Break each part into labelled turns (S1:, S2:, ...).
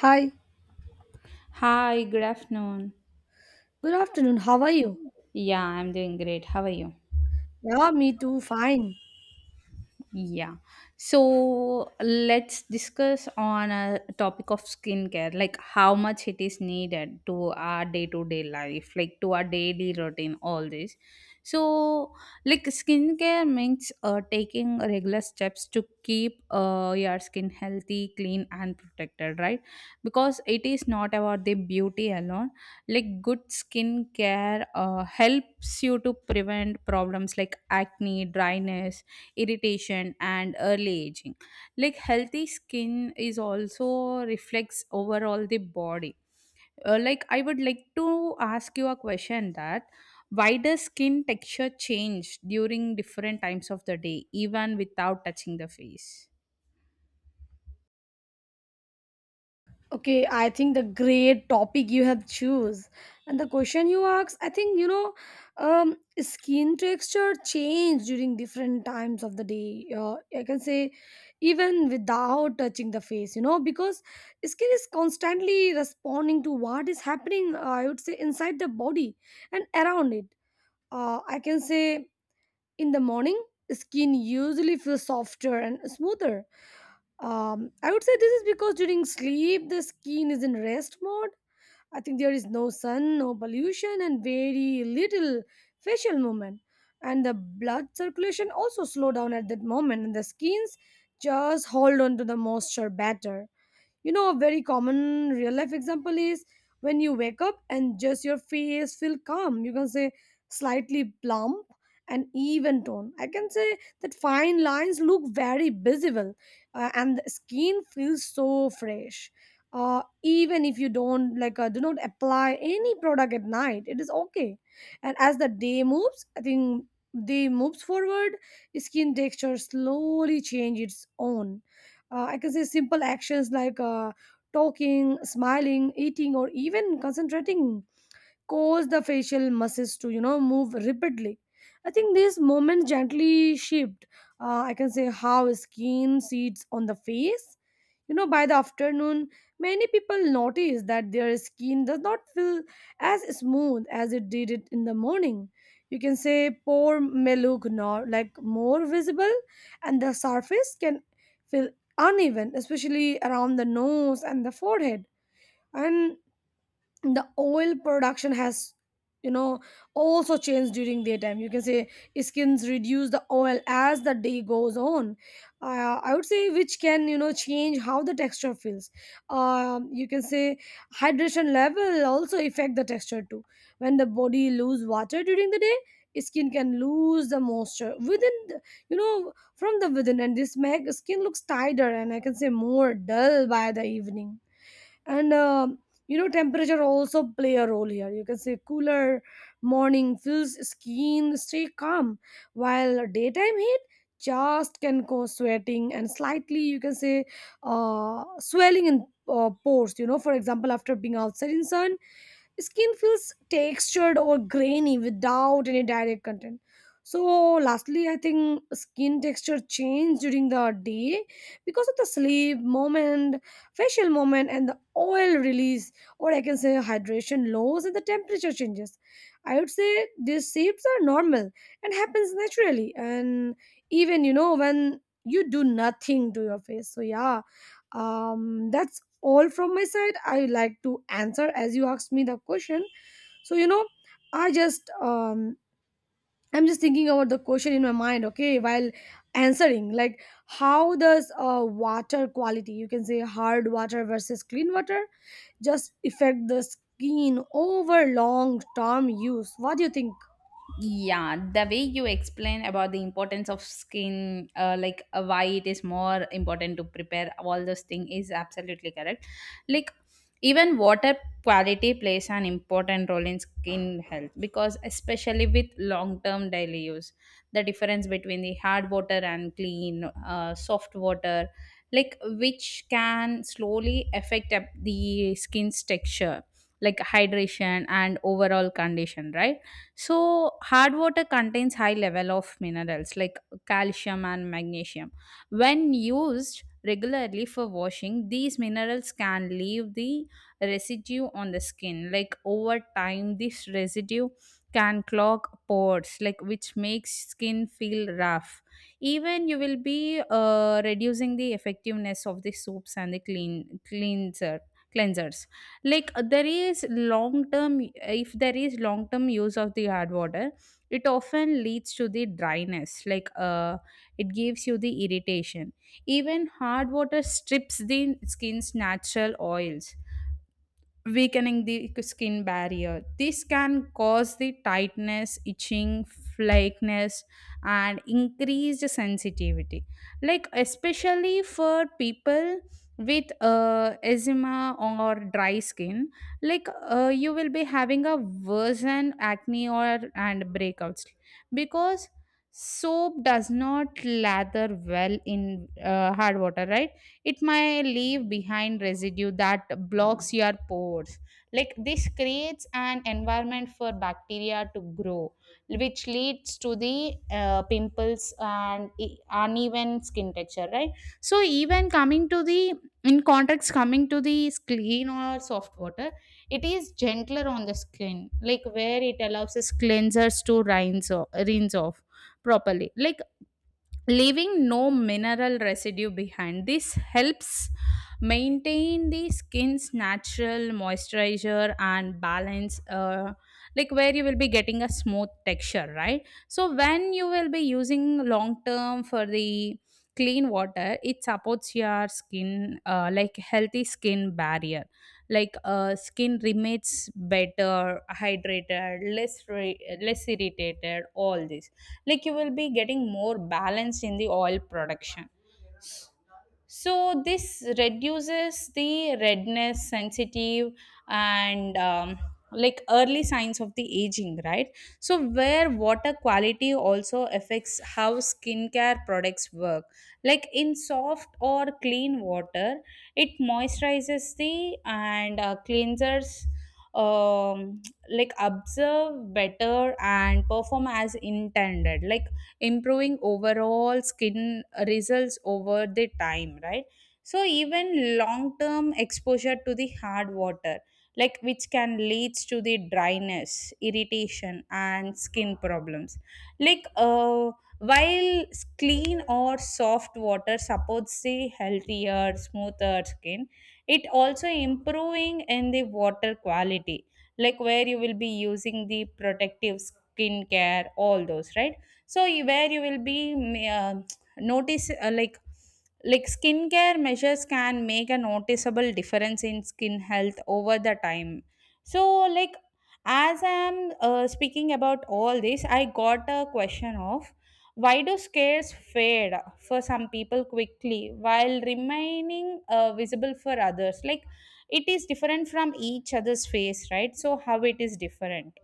S1: Hi,
S2: Hi, good afternoon.
S1: good afternoon. How are you?
S2: Yeah, I'm doing great. How are you?
S1: Yeah, me too. Fine.
S2: Yeah. So let's discuss on a topic of skincare, like how much it is needed to our day to day life, like to our daily routine, all this. So, like skincare means taking regular steps to keep your skin healthy, clean, and protected, right? Because it is not about the beauty alone. Like good skincare helps you to prevent problems like acne, dryness, irritation and early aging, like healthy skin is also reflects overall the body. Like I would like to ask you a question that why does skin texture change during different times of the day even without touching the face?
S1: Okay, I think the great topic you have choose and the question you asked, I think you know, skin texture change during different times of the day. I can say even without touching the face, you know, because skin is constantly responding to what is happening. I would say inside the body and around it. I can say in the morning, skin usually feels softer and smoother. I would say this is because during sleep the skin is in rest mode. I think there is no sun, no pollution, and very little facial movement. And the blood circulation also slow down at that moment, and the skins just hold on to the moisture better. You know, a very common real life example is when you wake up and just your face feel calm. You can say slightly plump and even tone. I can say that fine lines look very visible and the skin feels so fresh. Even if you don't do not apply any product at night, it is okay. And as the day moves, I think day moves forward, skin texture slowly change its own. I can say simple actions like talking, smiling, eating, or even concentrating cause the facial muscles to, you know, move rapidly. I think these movements gently shaped, I can say, how skin sits on the face. You know, by the afternoon many people notice that their skin does not feel as smooth as it did it in the morning. You can say pore may look nor like more visible and the surface can feel uneven, especially around the nose and the forehead. And the oil production has, you know, also changed during daytime. You can say skins reduce the oil as the day goes on. I would say which can, you know, change how the texture feels. You can say hydration level also affect the texture too. When the body lose water during the day, skin can lose the moisture within the, you know, from the within, and this make skin looks tighter and I can say more dull by the evening. And, you know, temperature also play a role here. You can say cooler morning feels skin stay calm, while daytime heat just can cause sweating and slightly, you can say, swelling in pores. You know, for example, after being outside in sun, skin feels textured or grainy without any direct content. So lastly, I think skin texture change during the day because of the sleep moment, facial moment, and the oil release, or I can say hydration loss, and the temperature changes. I would say these shapes are normal and happens naturally, and even, you know, when you do nothing to your face. So yeah, that's all from my side. I like to answer as you asked me the question. So you know, i just um I'm just thinking about the question in my mind, okay, while answering, like how does water quality, you can say hard water versus clean water, just affect the skin over long term use? What do you think?
S2: Yeah, the way you explain about the importance of skin, like why it is more important to prepare all those things is absolutely correct. Like even water quality plays an important role in skin health because especially with long-term daily use, the difference between the hard water and clean, soft water, like which can slowly affect up the skin's texture, like hydration and overall condition, right? So, hard water contains high level of minerals like calcium and magnesium. When used regularly for washing, these minerals can leave the residue on the skin. Like over time, this residue can clog pores, like which makes skin feel rough. Even you will be reducing the effectiveness of the soaps and the cleansers, like there is long term, if there is long term use of the hard water, it often leads to the dryness. Like it gives you the irritation. Even hard water strips the skin's natural oils, weakening the skin barrier. This can cause the tightness, itching, flakiness, and increased sensitivity. Like especially for people with eczema or dry skin, like you will be having a worsened acne or and breakouts, because soap does not lather well in hard water, right? It may leave behind residue that blocks your pores, like this creates an environment for bacteria to grow, which leads to the pimples and uneven skin texture, right? So even coming to the in context coming to the clean or soft water, it is gentler on the skin, like where it allows its cleansers to rinse off properly, like leaving no mineral residue behind. This helps maintain the skin's natural moisturizer and balance, like where you will be getting a smooth texture, right? So, when you will be using long term for the clean water, it supports your skin, like healthy skin barrier. Like skin remains better hydrated, less irritated, all this, like you will be getting more balance in the oil production. So this reduces the redness sensitive, and like early signs of the aging, right? So where water quality also affects how skincare products work, like in soft or clean water, it moisturizes the and cleansers, um, like observe better and perform as intended, like improving overall skin results over the time, right? So even long term exposure to the hard water, like which can leads to the dryness, irritation and skin problems, like while clean or soft water supports the healthier smoother skin, it also improving in the water quality, like where you will be using the protective skin care, all those, right? So where you will be uh, notice like skincare measures can make a noticeable difference in skin health over the time. So like as I'm speaking about all this, I got a question of why do scares fade for some people quickly while remaining visible for others? Like it is different from each other's face, right? So how it is different?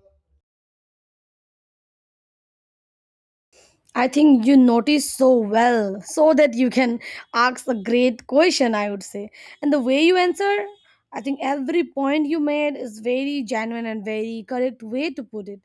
S1: I think you notice so well, so that you can ask a great question, I would say. And the way you answer, I think every point you made is very genuine and very correct way to put it.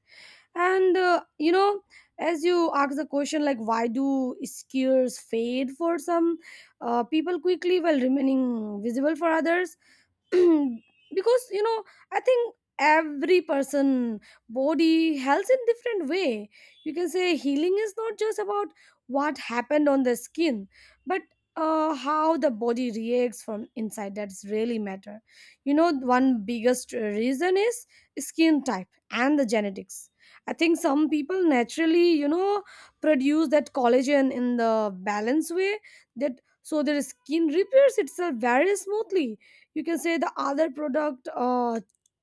S1: And you know, as you ask the question like why do skewers fade for some people quickly while remaining visible for others, because you know, I think every person body heals in different way. You can say healing is not just about what happened on the skin, but how the body reacts from inside, that's really matter. You know, one biggest reason is skin type and the genetics. I think some people naturally, you know, produce that collagen in the balanced way, that so their skin repairs itself very smoothly. You can say the other product,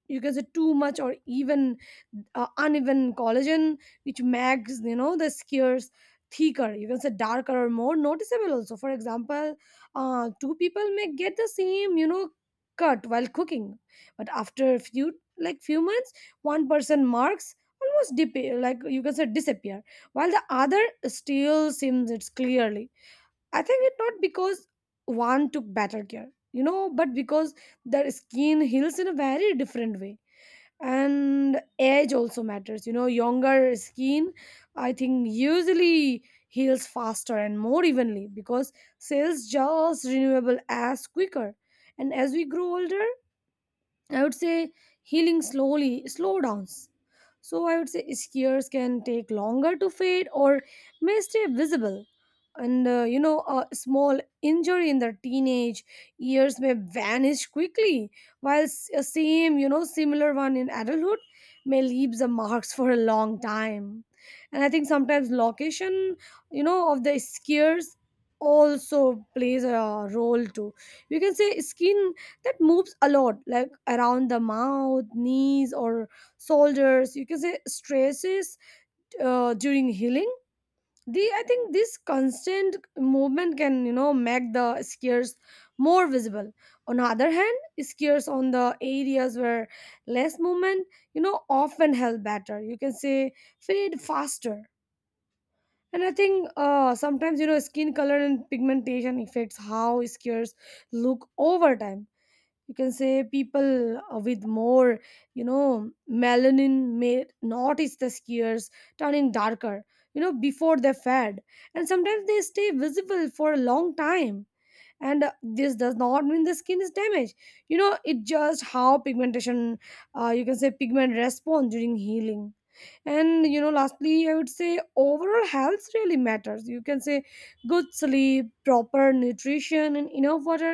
S1: you can say too much or even uneven collagen, which makes, you know, the skewers thicker, you can say darker or more noticeable. Also, for example, two people may get the same, you know, cut while cooking, but after a few, like few months, one person marks almost dip, like you can say disappear, while the other still seems it's clearly. I think it not because one took better care, you know, but because their skin heals in a very different way. And age also matters, you know, younger skin, I think, usually heals faster and more evenly because cells just renewable as quicker. And as we grow older, I would say healing slowly, slow downs. So I would say skewers can take longer to fade or may stay visible. And you know, a small injury in the teenage years may vanish quickly, while a same, you know, similar one in adulthood may leave the marks for a long time. And I think sometimes location, you know, of the skewers also plays a role too. You can say skin that moves a lot like around the mouth, knees, or shoulders, you can say stresses during healing. The i think this constant movement can, you know, make the scars more visible. On the other hand, scars on the areas where less movement, you know, often help better, you can say fade faster. And I think sometimes, you know, skin color and pigmentation affects how scars look over time. You can say people with more, you know, melanin may notice the skiers turning darker, you know, before they fed, and sometimes they stay visible for a long time. And this does not mean the skin is damaged. You know, it just how pigmentation, you can say pigment, respond during healing. And you know, lastly I would say overall health really matters. You can say good sleep, proper nutrition, and enough water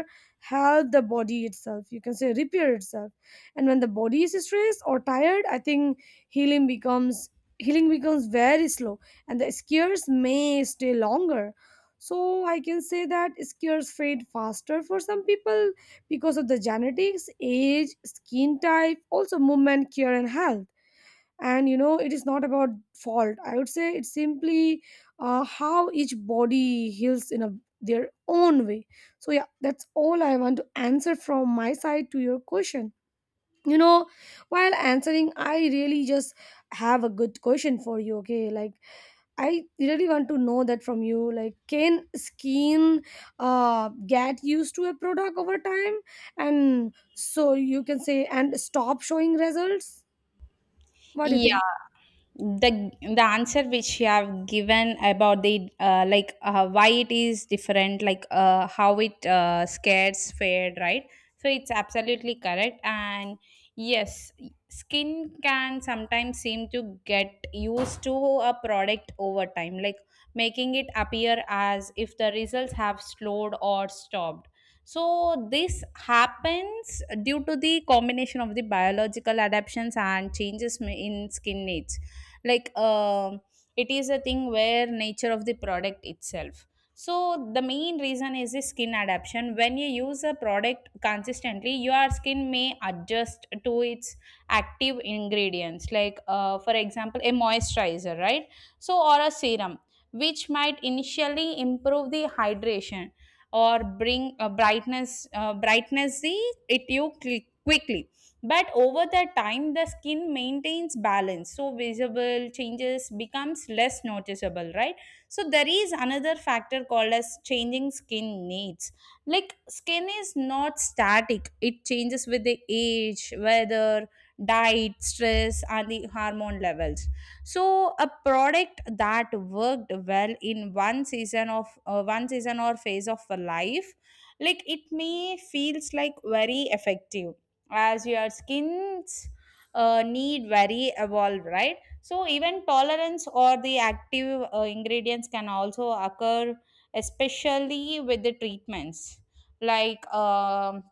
S1: help the body itself, you can say repair itself. And when the body is stressed or tired, I think healing becomes healing becomes very slow and the scares may stay longer. So I can say that scares fade faster for some people because of the genetics, age, skin type, also movement, care, and health. And you know, it is not about fault, I would say it's simply how each body heals in a their own way. So yeah, that's all I want to answer from my side to your question. You know, while answering I really just have a good question for you. Okay, like I really want to know that from you, like can skin get used to a product over time, and so you can say and stop showing results? What do you think?
S2: Yeah, the answer which you have given about the like why it is different, like how it scares fair, right? So it's absolutely correct, and yes, skin can sometimes seem to get used to a product over time, like making it appear as if the results have slowed or stopped. So this happens due to the combination of the biological adaptations and changes in skin needs. Like it is a thing where nature of the product itself. So the main reason is the skin adaptation. When you use a product consistently, your skin may adjust to its active ingredients. Like for example, a moisturizer, right? So or a serum, which might initially improve the hydration or bring brightness the it quickly, but over the time the skin maintains balance, so visible changes becomes less noticeable, right? So there is another factor called as changing skin needs, like skin is not static, it changes with the age, weather, diet, stress and the hormone levels. So a product that worked well in one season or phase of a life, like it may feels like very effective as your skin's need very evolve, right? So even tolerance or the active ingredients can also occur, especially with the treatments, like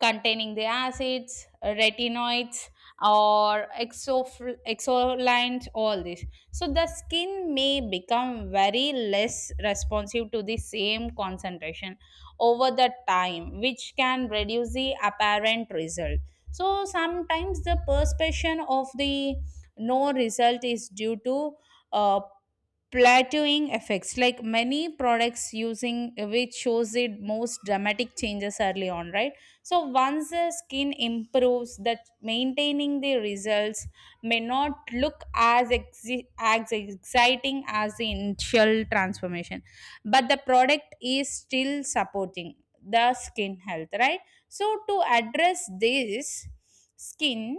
S2: containing the acids, retinoids, or exolines, all this. So the skin may become very less responsive to the same concentration over the time, which can reduce the apparent result. So sometimes the perception of the no result is due to uh, plateauing effects, like many products using which shows it most dramatic changes early on, right? So once the skin improves that, maintaining the results may not look as exi- as exciting as the initial transformation, but the product is still supporting the skin health, right? So to address this, skin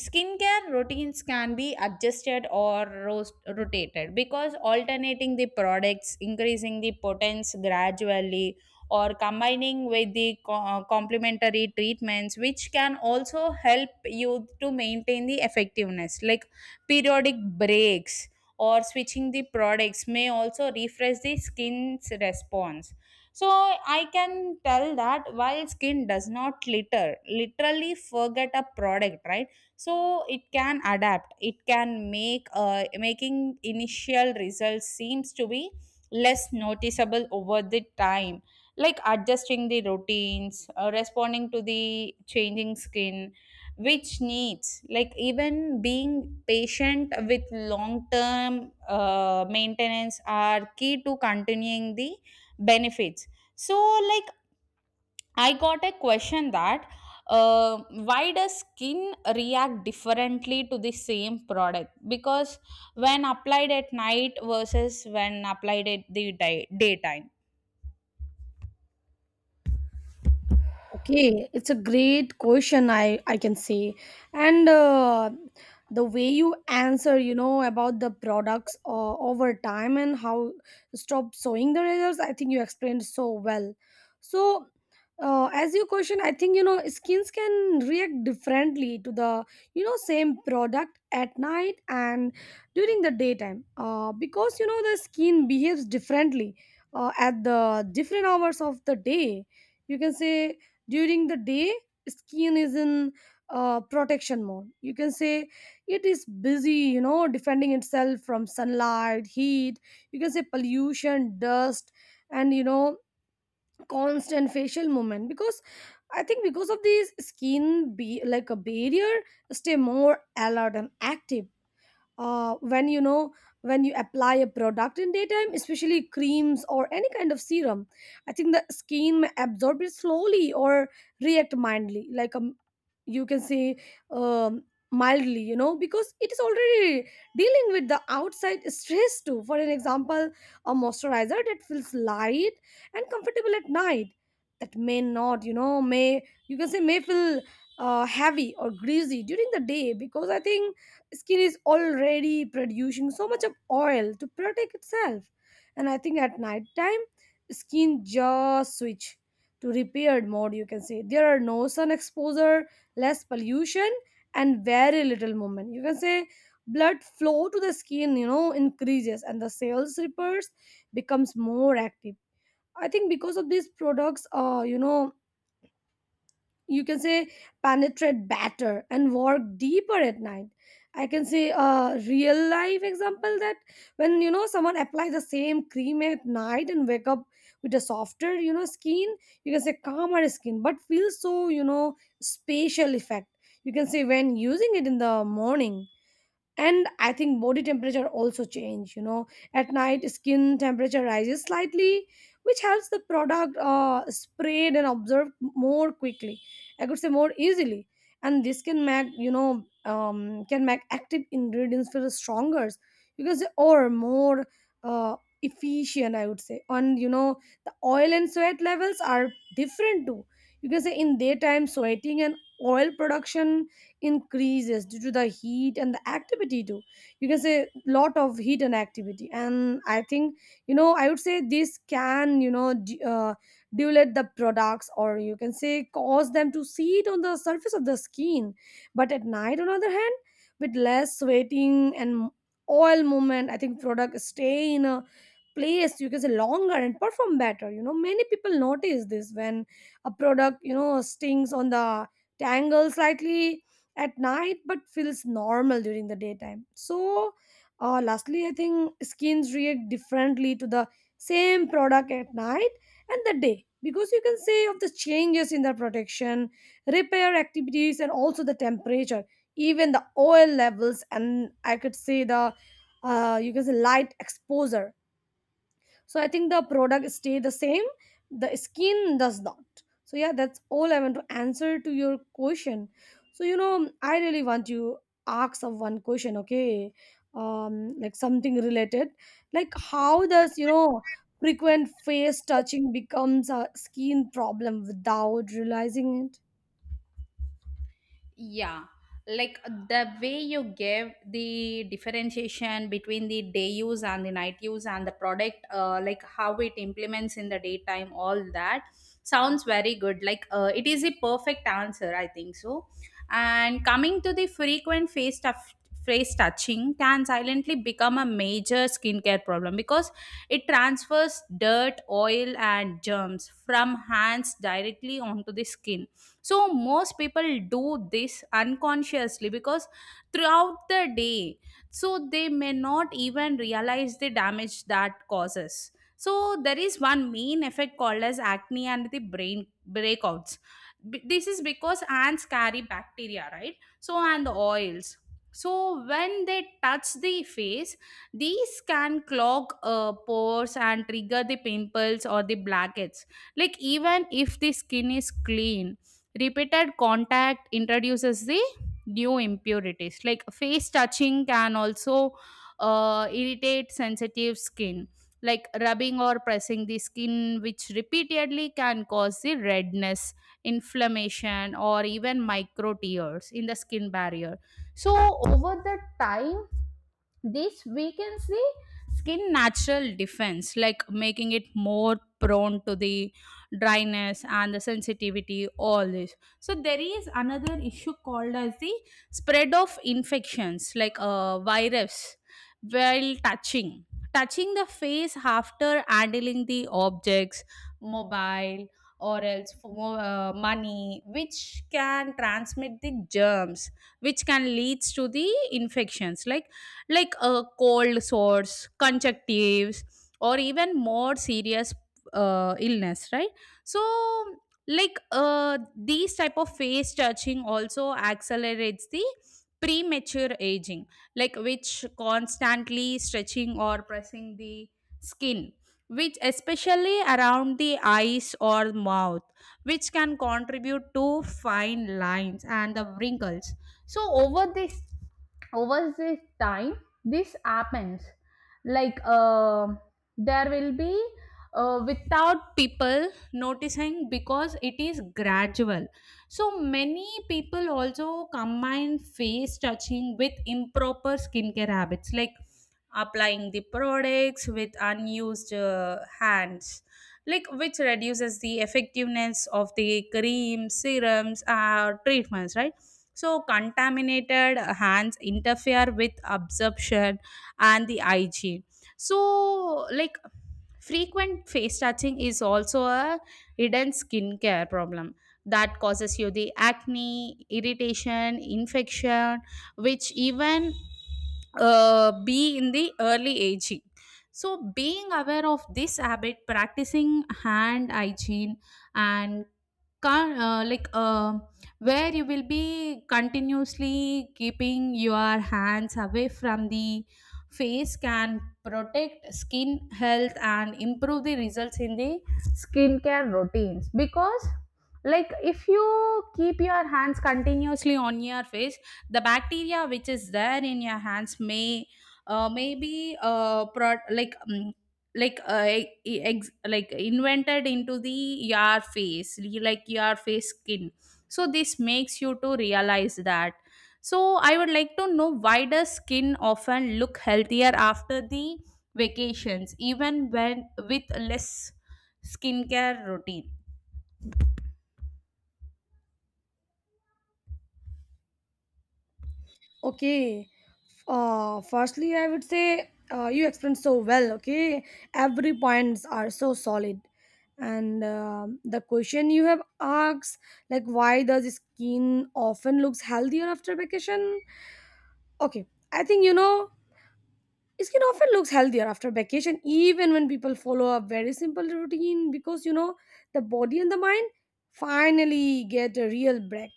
S2: skincare routines can be adjusted or rotated, because alternating the products, increasing the potency gradually, or combining with the complementary treatments which can also help you to maintain the effectiveness. Like periodic breaks or switching the products may also refresh the skin's response. So I can tell that while skin does not litter literally forget a product, right? So it can adapt, it can make making initial results seems to be less noticeable over the time, like adjusting the routines, responding to the changing skin, which needs, like even being patient with long term maintenance are key to continuing the benefits. So like I got a question that why does skin react differently to the same product? Because when applied at night versus when applied at the daytime.
S1: Okay, it's a great question, I can say. And the way you answer, you know, about the products over time and how stop sowing the results, I think you explained so well. So, as your question, I think, you know, skins can react differently to the, you know, same product at night and during the daytime because, you know, the skin behaves differently at the different hours of the day. You can say during the day skin is in protection mode, you can say it is busy, you know, defending itself from sunlight, heat, you can say pollution, dust, and you know constant facial movement. Because I think because of these skin be like a barrier stay more alert and active. When you know, when you apply a product in daytime, especially creams or any kind of serum, I think the skin may absorb it slowly or react mildly, you can say, um, mildly, you know, because it is already dealing with the outside stress too. For an example, a moisturizer that feels light and comfortable at night, that may not, you know, may you can say may feel heavy or greasy during the day, because I think skin is already producing so much of oil to protect itself. And I think at night time, skin just switch to repaired mode. You can say there are no sun exposure, less pollution, and very little movement. You can say blood flow to the skin, you know, increases and the cells repairs becomes more active. I think because of these products, you know, you can say, penetrate better and work deeper at night. I can say a real life example that when, you know, someone apply the same cream at night and wake up with a softer, you know, skin, you can say calmer skin, but feels so, you know, spatial effect, you can say, when using it in the morning. And I think body temperature also change, you know, at night skin temperature rises slightly, which helps the product spread and absorb More quickly, I could say more easily. And this can make you know can make active ingredients feel stronger because or more uh, efficient, I would say. And you know, the oil and sweat levels are different too. You can say in daytime sweating and oil production increases due to the heat and the activity too. You can say lot of heat and activity, and I think you know I would say this can you know dilute the products, or you can say cause them to seat on the surface of the skin. But at night on the other hand, with less sweating and oil movement, I think products stay in a place, you can say longer and perform better. You know, many people notice this when a product you know stings on the tangle slightly at night but feels normal during the daytime. So lastly, I think skins react differently to the same product at night and the day because you can say of the changes in the protection, repair activities, and also the temperature, even the oil levels, and I could say the you can say light exposure. So I think the product stay the same, the skin does not. So yeah, that's all I want to answer to your question. So you know, I really want to ask of one question. Okay. um like something related, like how does you know frequent face touching becomes a skin problem without realizing it?
S2: Yeah, like the way you gave the differentiation between the day use and the night use and the product, like how it implements in the daytime, all that sounds very good. Like it is a perfect answer, I think so. And coming to the frequent face touching can silently become a major skincare problem because it transfers dirt, oil, and germs from hands directly onto the skin. So most people do this unconsciously, because throughout the day, so they may not even realize the damage that causes. So there is one main effect called as acne and the brain breakouts. This is because ants carry bacteria, right? So and the oils, so when they touch the face, these can clog pores and trigger the pimples or the blackheads. Like even if the skin is clean, repeated contact introduces the new impurities. Like face touching can also irritate sensitive skin, like rubbing or pressing the skin, which repeatedly can cause the redness, inflammation, or even micro tears in the skin barrier. So, over the time, this weakens the skin natural defense, like making it more prone to the dryness and the sensitivity, all this. So there is another issue called as the spread of infections, like a virus, while touching the face after handling the objects, mobile, or else for money, which can transmit the germs, which can leads to the infections like a cold sores, conjunctives, or even more serious illness, right? So like these type of face touching also accelerates the premature aging, like which constantly stretching or pressing the skin, which especially around the eyes or mouth, which can contribute to fine lines and the wrinkles. So over this time this happens, like there will be without people noticing because it is gradual. So many people also combine face touching with improper skincare habits, like applying the products with unused hands, like which reduces the effectiveness of the creams, serums, treatments, right? So contaminated hands interfere with absorption and the hygiene. So like frequent face touching is also a hidden skincare problem that causes you the acne, irritation, infection, which even be in the early aging. So, being aware of this habit, practicing hand hygiene, and can like where you will be continuously keeping your hands away from the face can protect skin health and improve the results in the skincare routines. Because like if you keep your hands continuously on your face, the bacteria which is there in your hands may maybe like like like invented into the your face, like your face skin. So this makes you to realize that. So I would like to know why does skin often look healthier after the vacations even when with less skincare routine?
S1: Okay. Firstly, I would say you explained so well. Okay, every points are so solid, and the question you have asked, like why does skin often looks healthier after vacation? Okay, I think you know skin often looks healthier after vacation, even when people follow a very simple routine, because you know the body and the mind finally get a real break.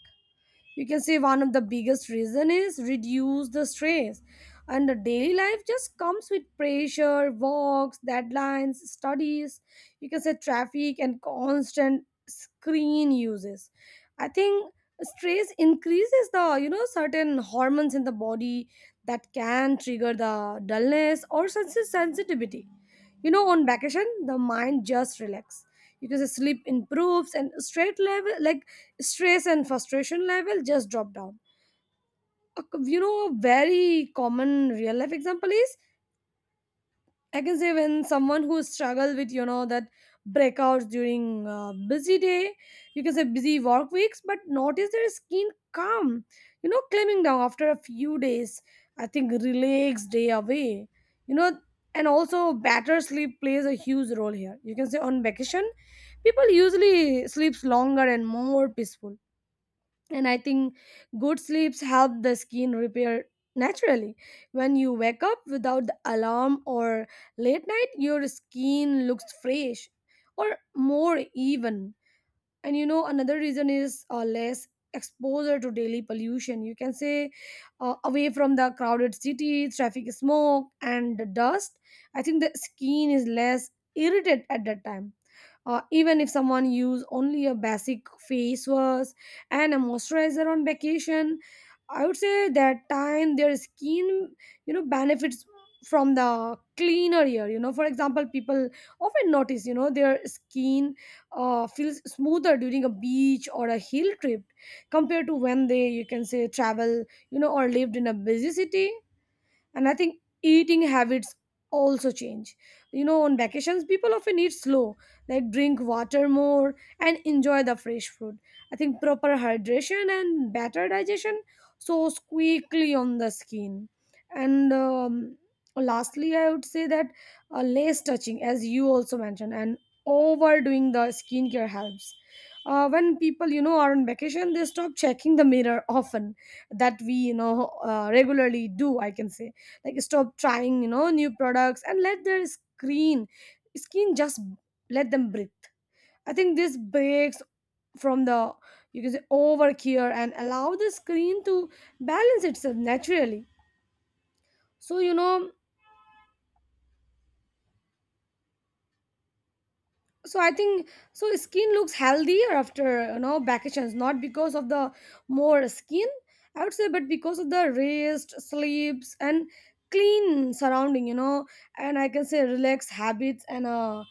S1: You can say one of the biggest reason is reduce the stress, and the daily life just comes with pressure walks, deadlines, studies, you can say traffic and constant screen uses. I think stress increases the you know certain hormones in the body that can trigger the dullness or sensitivity. You know, on vacation the mind just relax. You can say sleep improves and stress level, like stress and frustration level just drop down. You know, a very common real life example is I can say when someone who struggle with you know that breakouts during busy day, you can say busy work weeks, but notice their skin calm, you know, climbing down after a few days. I think relax day away, you know, and also better sleep plays a huge role here. You can say on vacation, people usually sleeps longer and more peaceful. And I think good sleeps help the skin repair naturally. When you wake up without the alarm or late night, your skin looks fresh or more even. And you know, another reason is less exposure to daily pollution. You can say away from the crowded city traffic, smoke, and the dust, I think the skin is less irritated at that time. Even if someone use only a basic face wash and a moisturizer on vacation, I would say that time their skin you know benefits from the cleaner air. You know, for example, people often notice you know their skin feels smoother during a beach or a hill trip compared to when they you can say travel, you know, or lived in a busy city. And I think eating habits also change. You know, on vacations people often eat slow, like drink water more and enjoy the fresh food. I think proper hydration and better digestion soars quickly on the skin. And lastly, I would say that less touching, as you also mentioned, and overdoing the skincare helps. When people you know are on vacation, they stop checking the mirror often that we you know regularly do, I can say, like stop trying you know new products and let their screen skin just let them breathe. I think this breaks from the you can say overcare and allow the screen to balance itself naturally. So you know, so I think so skin looks healthier after you know vacations not because of the more skin, I would say, but because of the rest, sleeps, and clean surrounding. You know, and I can say relaxed habits and uh,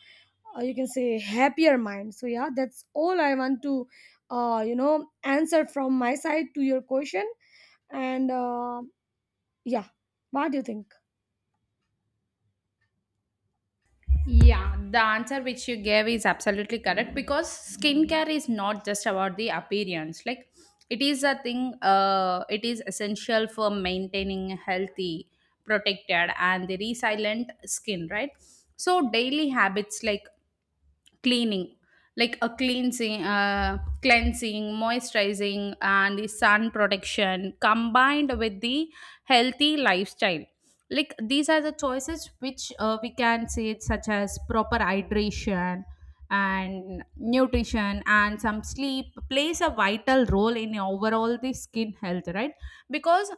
S1: uh, you can say happier mind. So yeah, that's all I want to you know answer from my side to your question. And yeah, what do you think?
S2: Yeah, the answer which you gave is absolutely correct, because skincare is not just about the appearance. Like it is a thing, it is essential for maintaining a healthy, protected, and the resilient skin, right? So, daily habits like cleaning like a cleansing, moisturizing and the sun protection combined with the healthy lifestyle, like these are the choices which we can say it's such as proper hydration and nutrition and some sleep plays a vital role in overall the skin health, right? Because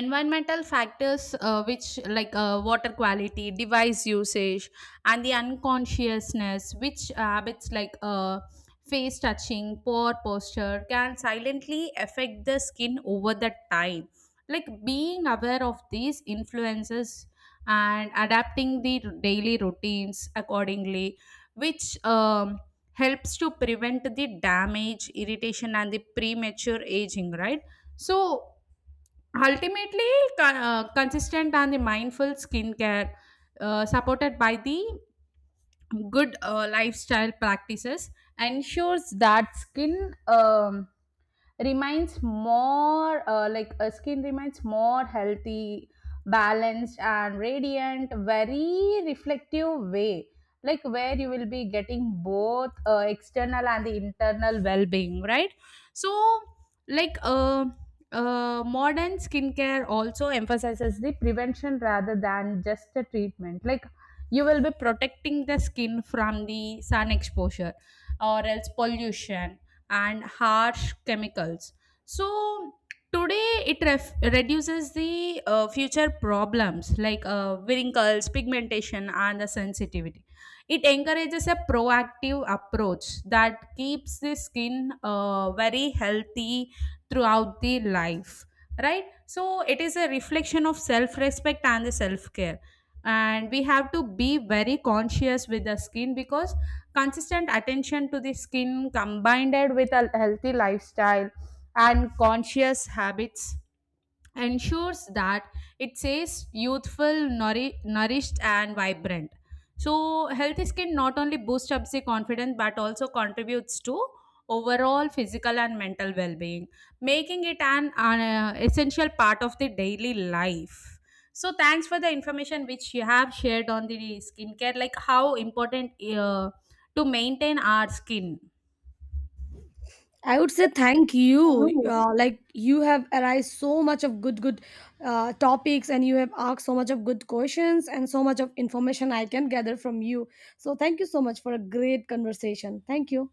S2: environmental factors, which like water quality, device usage, and the unconsciousness which habits like face touching, poor posture can silently affect the skin over the time. Like being aware of these influences and adapting the daily routines accordingly, which helps to prevent the damage, irritation and the premature aging, right? So ultimately, consistent and the mindful skincare, supported by the good lifestyle practices, ensures that skin remains more like a skin remains more healthy, balanced and radiant, very reflective way, like where you will be getting both external and the internal well-being, right? So like modern skincare also emphasizes the prevention rather than just the treatment, like you will be protecting the skin from the sun exposure or else pollution and harsh chemicals. So today it reduces the future problems like wrinkles, pigmentation, and the sensitivity. It encourages a proactive approach that keeps the skin very healthy throughout the life, right? So it is a reflection of self respect and the self care, and we have to be very conscious with the skin, because consistent attention to the skin combined with a healthy lifestyle and conscious habits ensures that it stays youthful, nourished, and vibrant. So, healthy skin not only boosts up the confidence but also contributes to overall physical and mental well being, making it essential part of the daily life. So, thanks for the information which you have shared on the skincare, like how important to maintain our skin.
S1: I would say thank you.
S2: Mm.
S1: Like you have arised so much of good, good topics, and you have asked so much of good questions and so much of information I can gather from you. So thank you so much for a great conversation. Thank you.